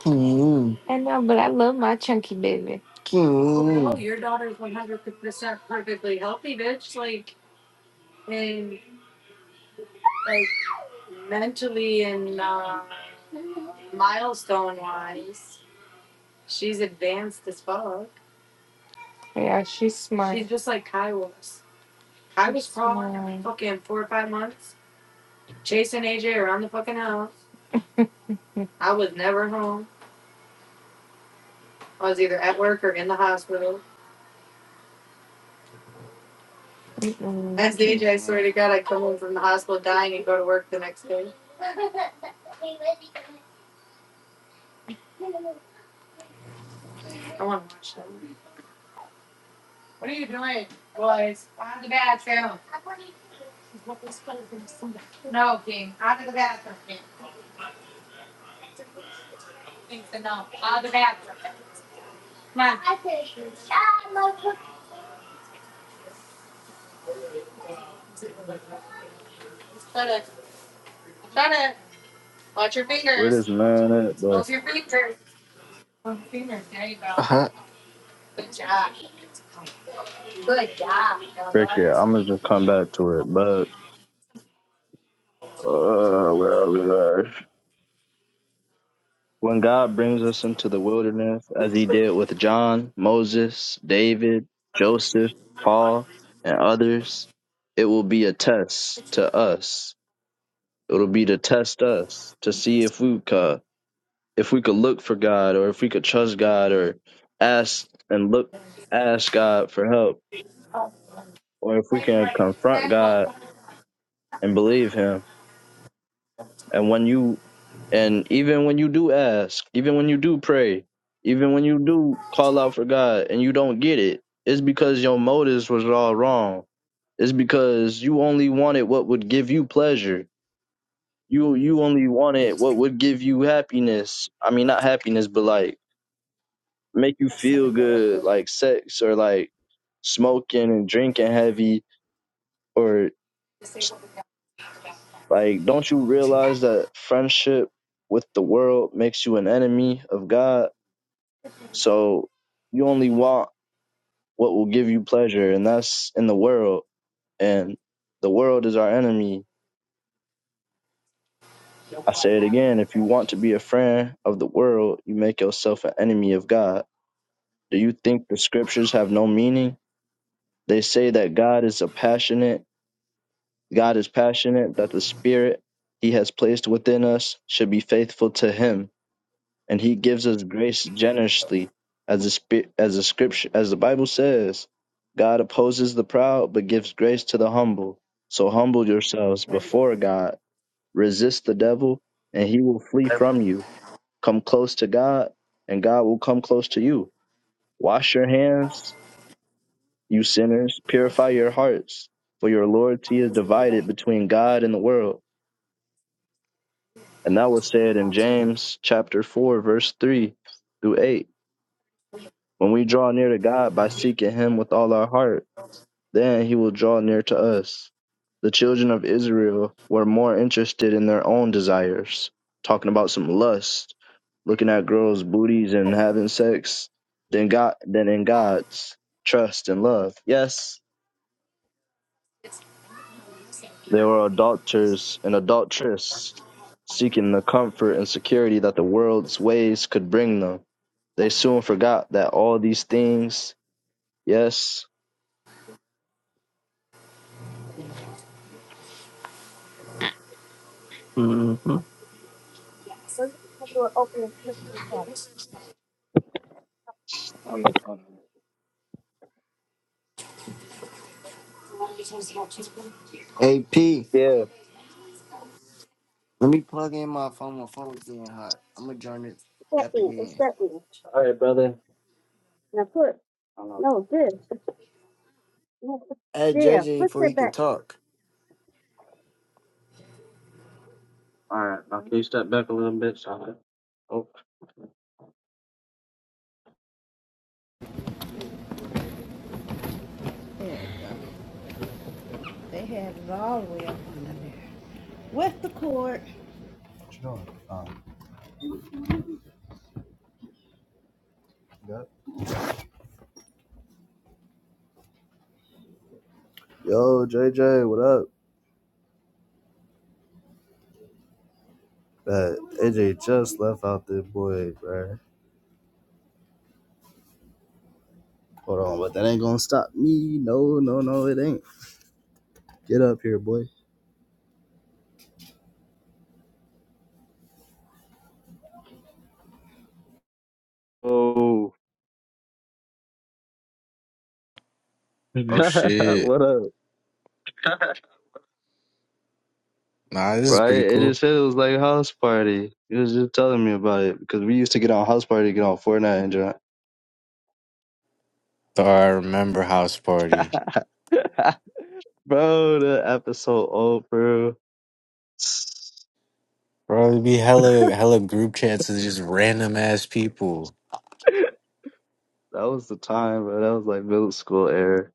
Speaker 2: Mm, I know, but I love my chunky baby. No, mm. Oh, your daughter's 100% perfectly healthy, bitch. Like, and like mentally and uh, milestone wise, she's advanced as fuck. Yeah, she's smart. She's just like Kai was. I was probably fucking four or five months. chasing AJ around the fucking house. I was never home. I was either at work or in the hospital. Mm-mm. As DJ, swear to God, I would come home from the hospital dying and go to work the next day. I want to watch them. What are you doing, boys? On to the bathroom. No, King. On to the bathroom, King. Thinks enough. On to the bathroom. Come on. Shut it. Shut it. Watch your
Speaker 1: where
Speaker 2: fingers.
Speaker 1: this man at?
Speaker 2: Close your fingers. Uh huh. Good job. Good job, y'all
Speaker 1: Frick it,
Speaker 2: boys.
Speaker 1: I'm gonna just come back to it. But uh, where are we at? When God brings us into the wilderness, as He did with John, Moses, David, Joseph, Paul, and others, it will be a test to us. It'll be to test us to see if we could, if we could look for God, or if we could trust God, or ask and look, ask God for help, or if we can confront God and believe Him And when you and even when you do ask, even when you do pray, even when you do call out for God and you don't get it, it's because your motives was all wrong. It's because you only wanted what would give you pleasure. You you only wanted what would give you happiness. I mean not happiness, but like make you feel good, like sex or like smoking and drinking heavy or Like, don't you realize that friendship with the world makes you an enemy of God? So you only want what will give you pleasure, and that's in the world. And the world is our enemy. I say it again if you want to be a friend of the world, you make yourself an enemy of God. Do you think the scriptures have no meaning? They say that God is a passionate, God is passionate, that the spirit he has placed within us should be faithful to him and he gives us grace generously as the spi- as the scripture as the bible says god opposes the proud but gives grace to the humble so humble yourselves before god resist the devil and he will flee from you come close to god and god will come close to you wash your hands you sinners purify your hearts for your loyalty is divided between god and the world and that was said in james chapter 4 verse 3 through 8 When we draw near to God by seeking Him with all our heart, then He will draw near to us. The children of Israel were more interested in their own desires, talking about some lust, looking at girls' booties and having sex, than God than in God's trust and love. Yes, there were adulterers and adulteresses seeking the comfort and security that the world's ways could bring them. They soon forgot that all these things, yes,
Speaker 2: AP.
Speaker 1: yeah.
Speaker 2: Let me plug in my phone. My phone's getting hot. I'm gonna join this
Speaker 1: That
Speaker 2: app
Speaker 1: in, It's
Speaker 2: again.
Speaker 1: that end. Now put no this.
Speaker 2: Add
Speaker 1: Yeah,
Speaker 2: JJ
Speaker 1: put
Speaker 2: before he
Speaker 1: that
Speaker 2: can
Speaker 1: back.
Speaker 2: talk.
Speaker 1: All right. Oh, what you doing? Um, yep. got it? Yo, JJ, what up? Uh, AJ just left out this boy, bruh. Hold on, but that ain't gonna stop me. No, no, no, it ain't. Get up here, boy. Oh,
Speaker 3: Oh shit.
Speaker 1: what up?
Speaker 3: Nah, this is
Speaker 1: Right?
Speaker 3: pretty
Speaker 1: It
Speaker 3: cool.
Speaker 1: just said it was like house party. He was just telling me about it because we used to get on house party, get on Fortnite and drunk.
Speaker 3: The I remember house party.
Speaker 1: bro, the episode old, bro.
Speaker 3: Bro, it'd be hella hella group chats of just random ass people.
Speaker 1: That was the time, bro. That was like middle school era.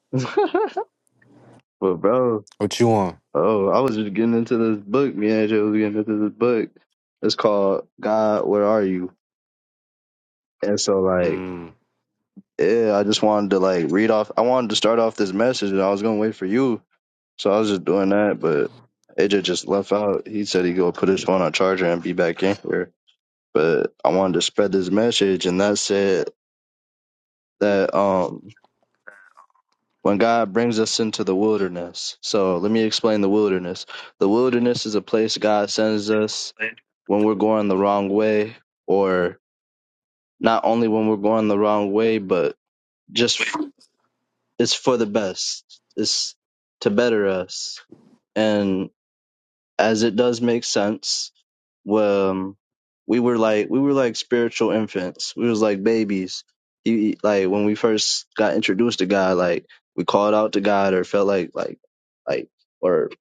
Speaker 1: but bro,
Speaker 3: What you want?
Speaker 1: oh, I was just getting into this book. Me and Jay was getting into this book. It's called God, Where Are You? And so like,
Speaker 3: Mm.
Speaker 1: yeah, I just wanted to like read off. I wanted to start off this message, and I was gonna wait for you. So I was just doing that, but AJ just left out. He said he go put his phone on charger and be back in here. But I wanted to spread this message, and that said that um when God brings us into the wilderness. So let me explain the wilderness. The wilderness is a place God sends us when we're going the wrong way, or not only when we're going the wrong way, but just f- it's for the best. It's to better us. And as it does make sense. Well, um, we were like we were like spiritual infants. We was like babies. He like when we first got introduced to God, like we called out to God or felt like like like or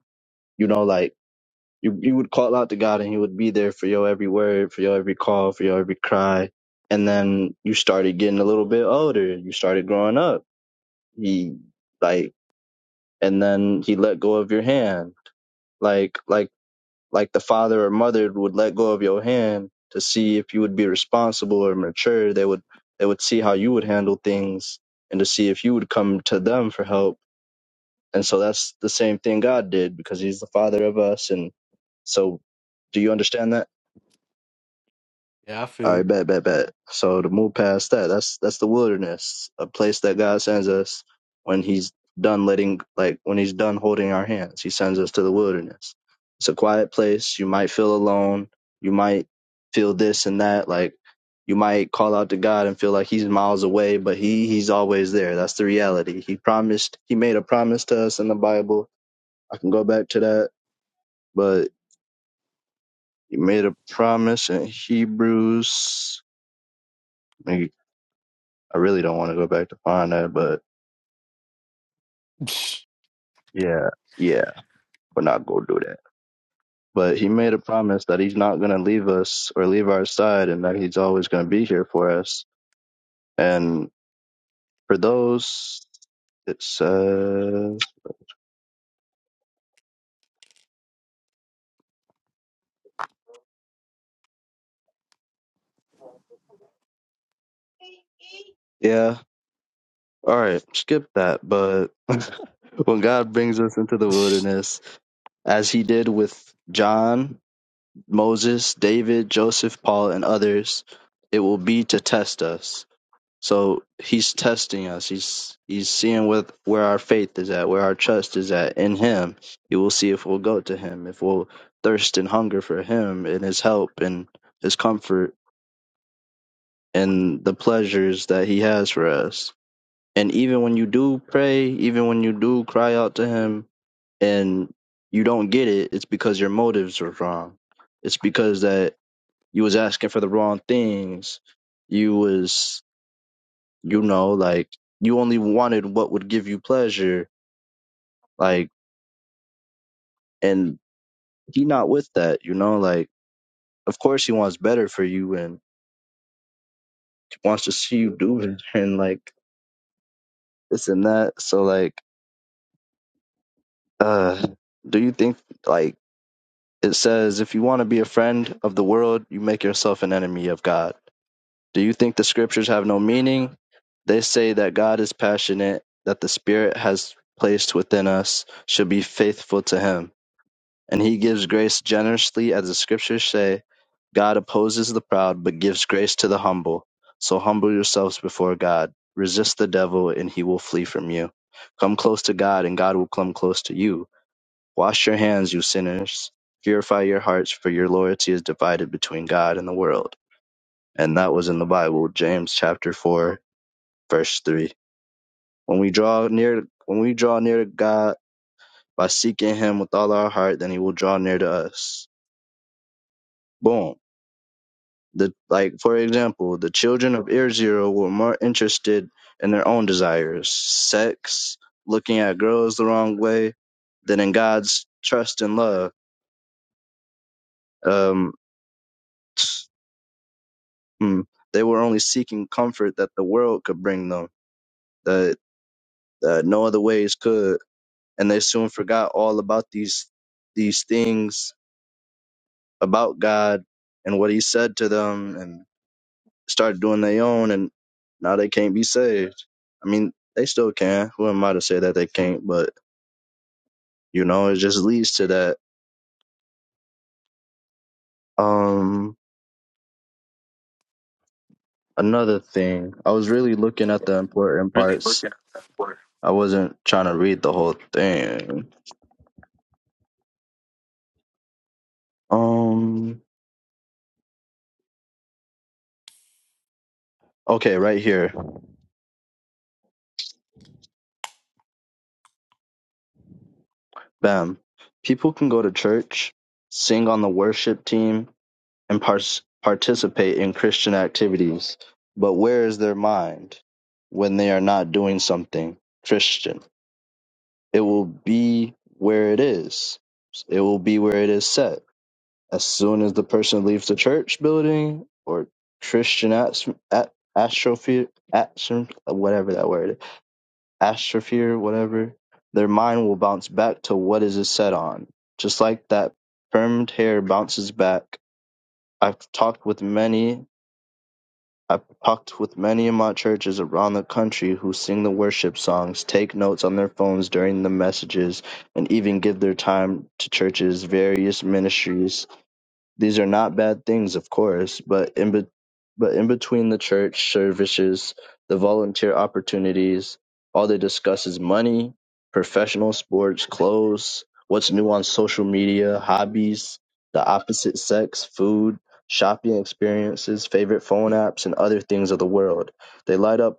Speaker 1: you know like you you would call out to God and He would be there for your every word, for your every call, for your every cry. And then you started getting a little bit older. You started growing up. He like and then He let go of your hand. Like like like the father or mother would let go of your hand to see if you would be responsible or mature they would they would see how you would handle things and to see if you would come to them for help and so that's the same thing god did because he's the father of us and so do you understand that
Speaker 3: Yeah, I feel
Speaker 1: I
Speaker 3: it.
Speaker 1: bet, bet, bet. So to move past that, that's that's the wilderness, a place that God sends us when He's done letting, like when He's done holding our hands. He sends us to the wilderness. It's a quiet place. You might feel alone. You might feel this and that. Like you might call out to God and feel like He's miles away, but He He's always there. That's the reality. He promised. He made a promise to us in the Bible. I can go back to that, but He made a promise in Hebrews. I really don't want to go back to find that, but yeah, yeah, we're not gonna do that. But he made a promise that he's not gonna leave us or leave our side, and that he's always gonna be here for us. And for those, it says, yeah, all right, skip that. But when God brings us into the wilderness, as He did with John, Moses, David, Joseph, Paul, and others, it will be to test us So he's testing us. He's he's seeing with where our faith is at, where our trust is at in him. He will see if we'll go to him, if we'll thirst and hunger for him and his help and his comfort and the pleasures that he has for us. And even when you do pray, even when you do cry out to him and you don't get it, it's because your motives are wrong. It's because that you was asking for the wrong things. You was you know like you only wanted what would give you pleasure like and he not with that you know like of course he wants better for you and wants to see you do it and like this and that so like uh do you think like it says if you want to be a friend of the world you make yourself an enemy of god do you think the scriptures have no meaning they say that god is passionate that the spirit has placed within us should be faithful to him And he gives grace generously, as the scriptures say, God opposes the proud, but gives grace to the humble. So humble yourselves before God. Resist the devil, and he will flee from you. Come close to God, and God will come close to you. Wash your hands, you sinners. Purify your hearts, for your loyalty is divided between God and the world. And that was in the Bible, James chapter 4, verse 3. When we draw near when we draw near to God by seeking him with all our heart, then he will draw near to us. Boom The like, for example, the children of Ear Zero were more interested in their own desires, sex, looking at girls the wrong way, than in God's trust and love. Um, mm, they were only seeking comfort that the world could bring them, that uh, no other ways could, and they soon forgot all about these these things about God and what He said to them, and. started doing their own and now they can't be saved. I mean, they still can. Who am I to say that they can't? But you know, it just leads to that. Um, another thing, I was really looking at the important
Speaker 3: Really
Speaker 1: parts.
Speaker 3: looking at that for.
Speaker 1: I wasn't trying to read the whole thing. Um, okay, right here, bam. People can go to church, sing on the worship team, and pars- participate in Christian activities. But where is their mind when they are not doing something Christian? It will be where it is. It will be where it is set. As soon as the person leaves the church building or Christian ast- at- astrophere, astro- whatever that word, is, astrophere, whatever, their mind will bounce back to what is it set on. Just like that permed hair bounces back I've talked with many I talked with many in my churches around the country who sing the worship songs, take notes on their phones during the messages, and even give their time to churches' various ministries. These are not bad things, of course, but in be- but in between the church services, the volunteer opportunities, all they discuss is money, professional sports, clothes, what's new on social media, hobbies, the opposite sex, food, shopping experiences, favorite phone apps, and other things of the world. They light up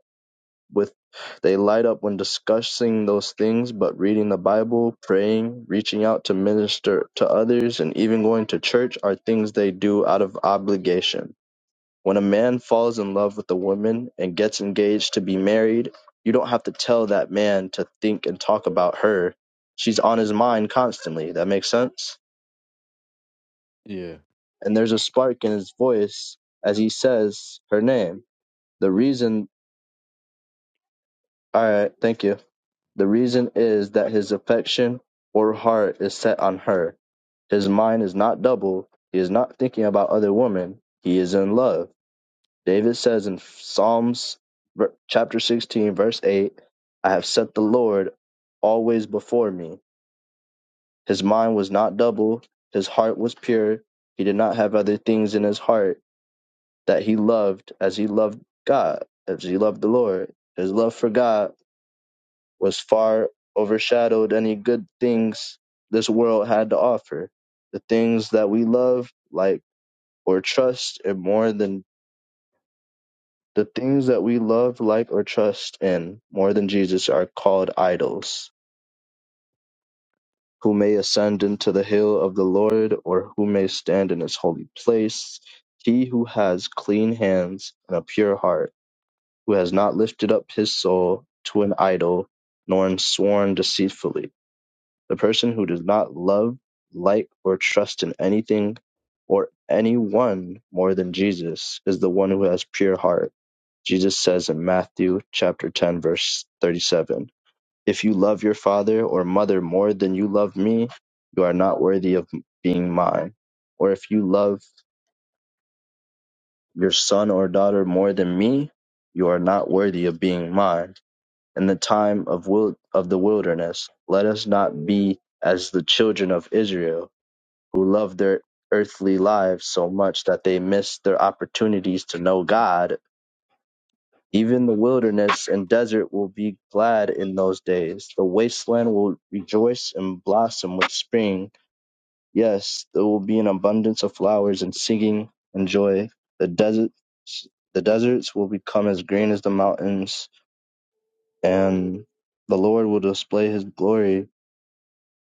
Speaker 1: with they light up when discussing those things, but reading the Bible, praying, reaching out to minister to others, and even going to church are things they do out of obligation. When a man falls in love with a woman and gets engaged to be married, you don't have to tell that man to think and talk about her. She's on his mind constantly. That makes sense?
Speaker 3: yeah.
Speaker 1: And there's a spark in his voice as he says her name. The reason, all right, thank you The reason is that his affection or heart is set on her. His mind is not double. He is not thinking about other women. He is in love. David says in Psalms ver- chapter 16, verse 8, I have set the Lord always before me. His mind was not double. His heart was pure. He did not have other things in his heart that he loved as he loved God, as he loved the Lord. His love for God was far overshadowed any good things this world had to offer. The things that we love, like, or trust in more than the things that we love, like, or trust in more than Jesus are called idols. Who may ascend into the hill of the Lord, or who may stand in his holy place? He who has clean hands and a pure heart, who has not lifted up his soul to an idol, nor sworn deceitfully The person who does not love, like, or trust in anything or anyone more than Jesus is the one who has pure heart. Jesus says in Matthew chapter 10 verse 37, "If you love your father or mother more than you love me, you are not worthy of being mine. Or if you love your son or daughter more than me, you are not worthy of being mine." In the time of wil- of the wilderness, let us not be as the children of Israel who love their earthly lives so much that they miss their opportunities to know God. Even the wilderness and desert will be glad in those days. The wasteland will rejoice and blossom with spring. Yes, there will be an abundance of flowers and singing and joy. The deserts, the deserts will become as green as the mountains, and the Lord will display His glory,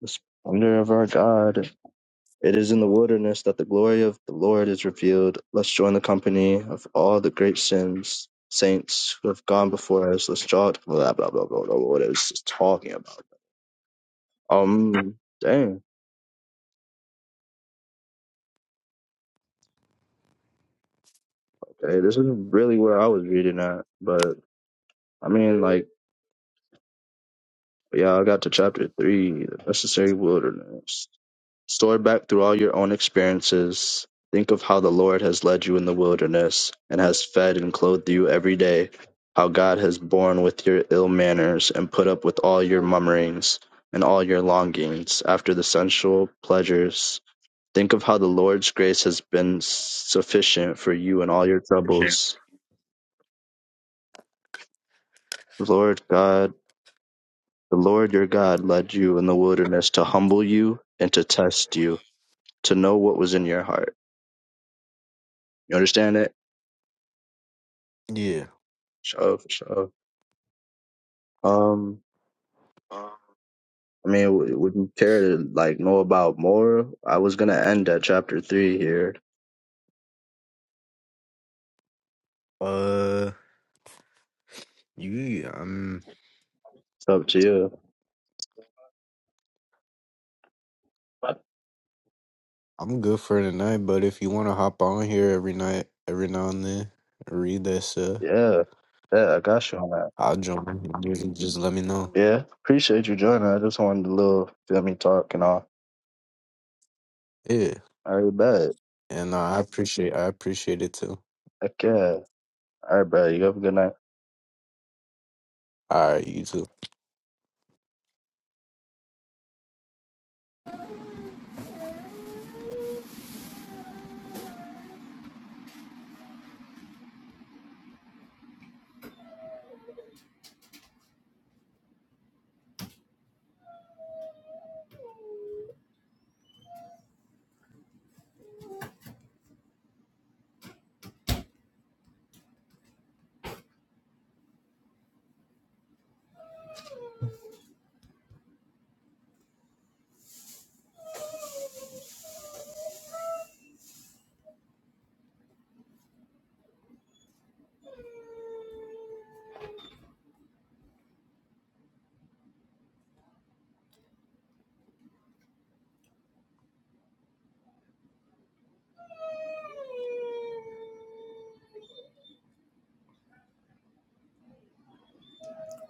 Speaker 1: the splendor of our God. It is in the wilderness that the glory of the Lord is revealed. Let's join the company of all the great sins, saints who have gone before us. Let's draw blah blah blah blah blah. What is this talking about? Um, dang. Okay, this is really where I was reading at, but I mean, like, yeah, I got to chapter three, the necessary wilderness. Store back through all your own experiences. Think of how the Lord has led you in the wilderness and has fed and clothed you every day, how God has borne with your ill manners and put up with all your murmurings and all your longings after the sensual pleasures. Think of how the Lord's grace has been sufficient for you in all your
Speaker 3: Sure.
Speaker 1: troubles. The Lord God, the Lord your God led you in the wilderness to humble you and to test you, to know what was in your heart. You understand it?
Speaker 3: Yeah.
Speaker 1: Shove, shove. Um, I mean, w- would you care to like know about more? I was gonna end at chapter three here.
Speaker 3: Uh you I'm
Speaker 1: It's up to you.
Speaker 3: I'm good for tonight, but if you wanna hop on here every night every now and then, read that stuff.
Speaker 1: Yeah, yeah, I got you on that.
Speaker 3: I'll join. Just, just let me know.
Speaker 1: Yeah, appreciate you joining. I just wanted a little feel me talk and all.
Speaker 3: Yeah.
Speaker 1: All right, bet.
Speaker 3: And uh, I appreciate I appreciate it too.
Speaker 1: Heck yeah. All right, bro. You have a good night.
Speaker 3: All right, you too.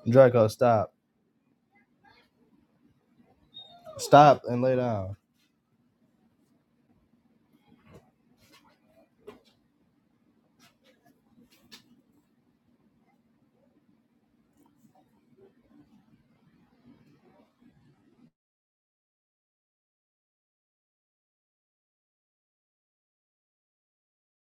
Speaker 1: Draco, stop. Stop and lay down.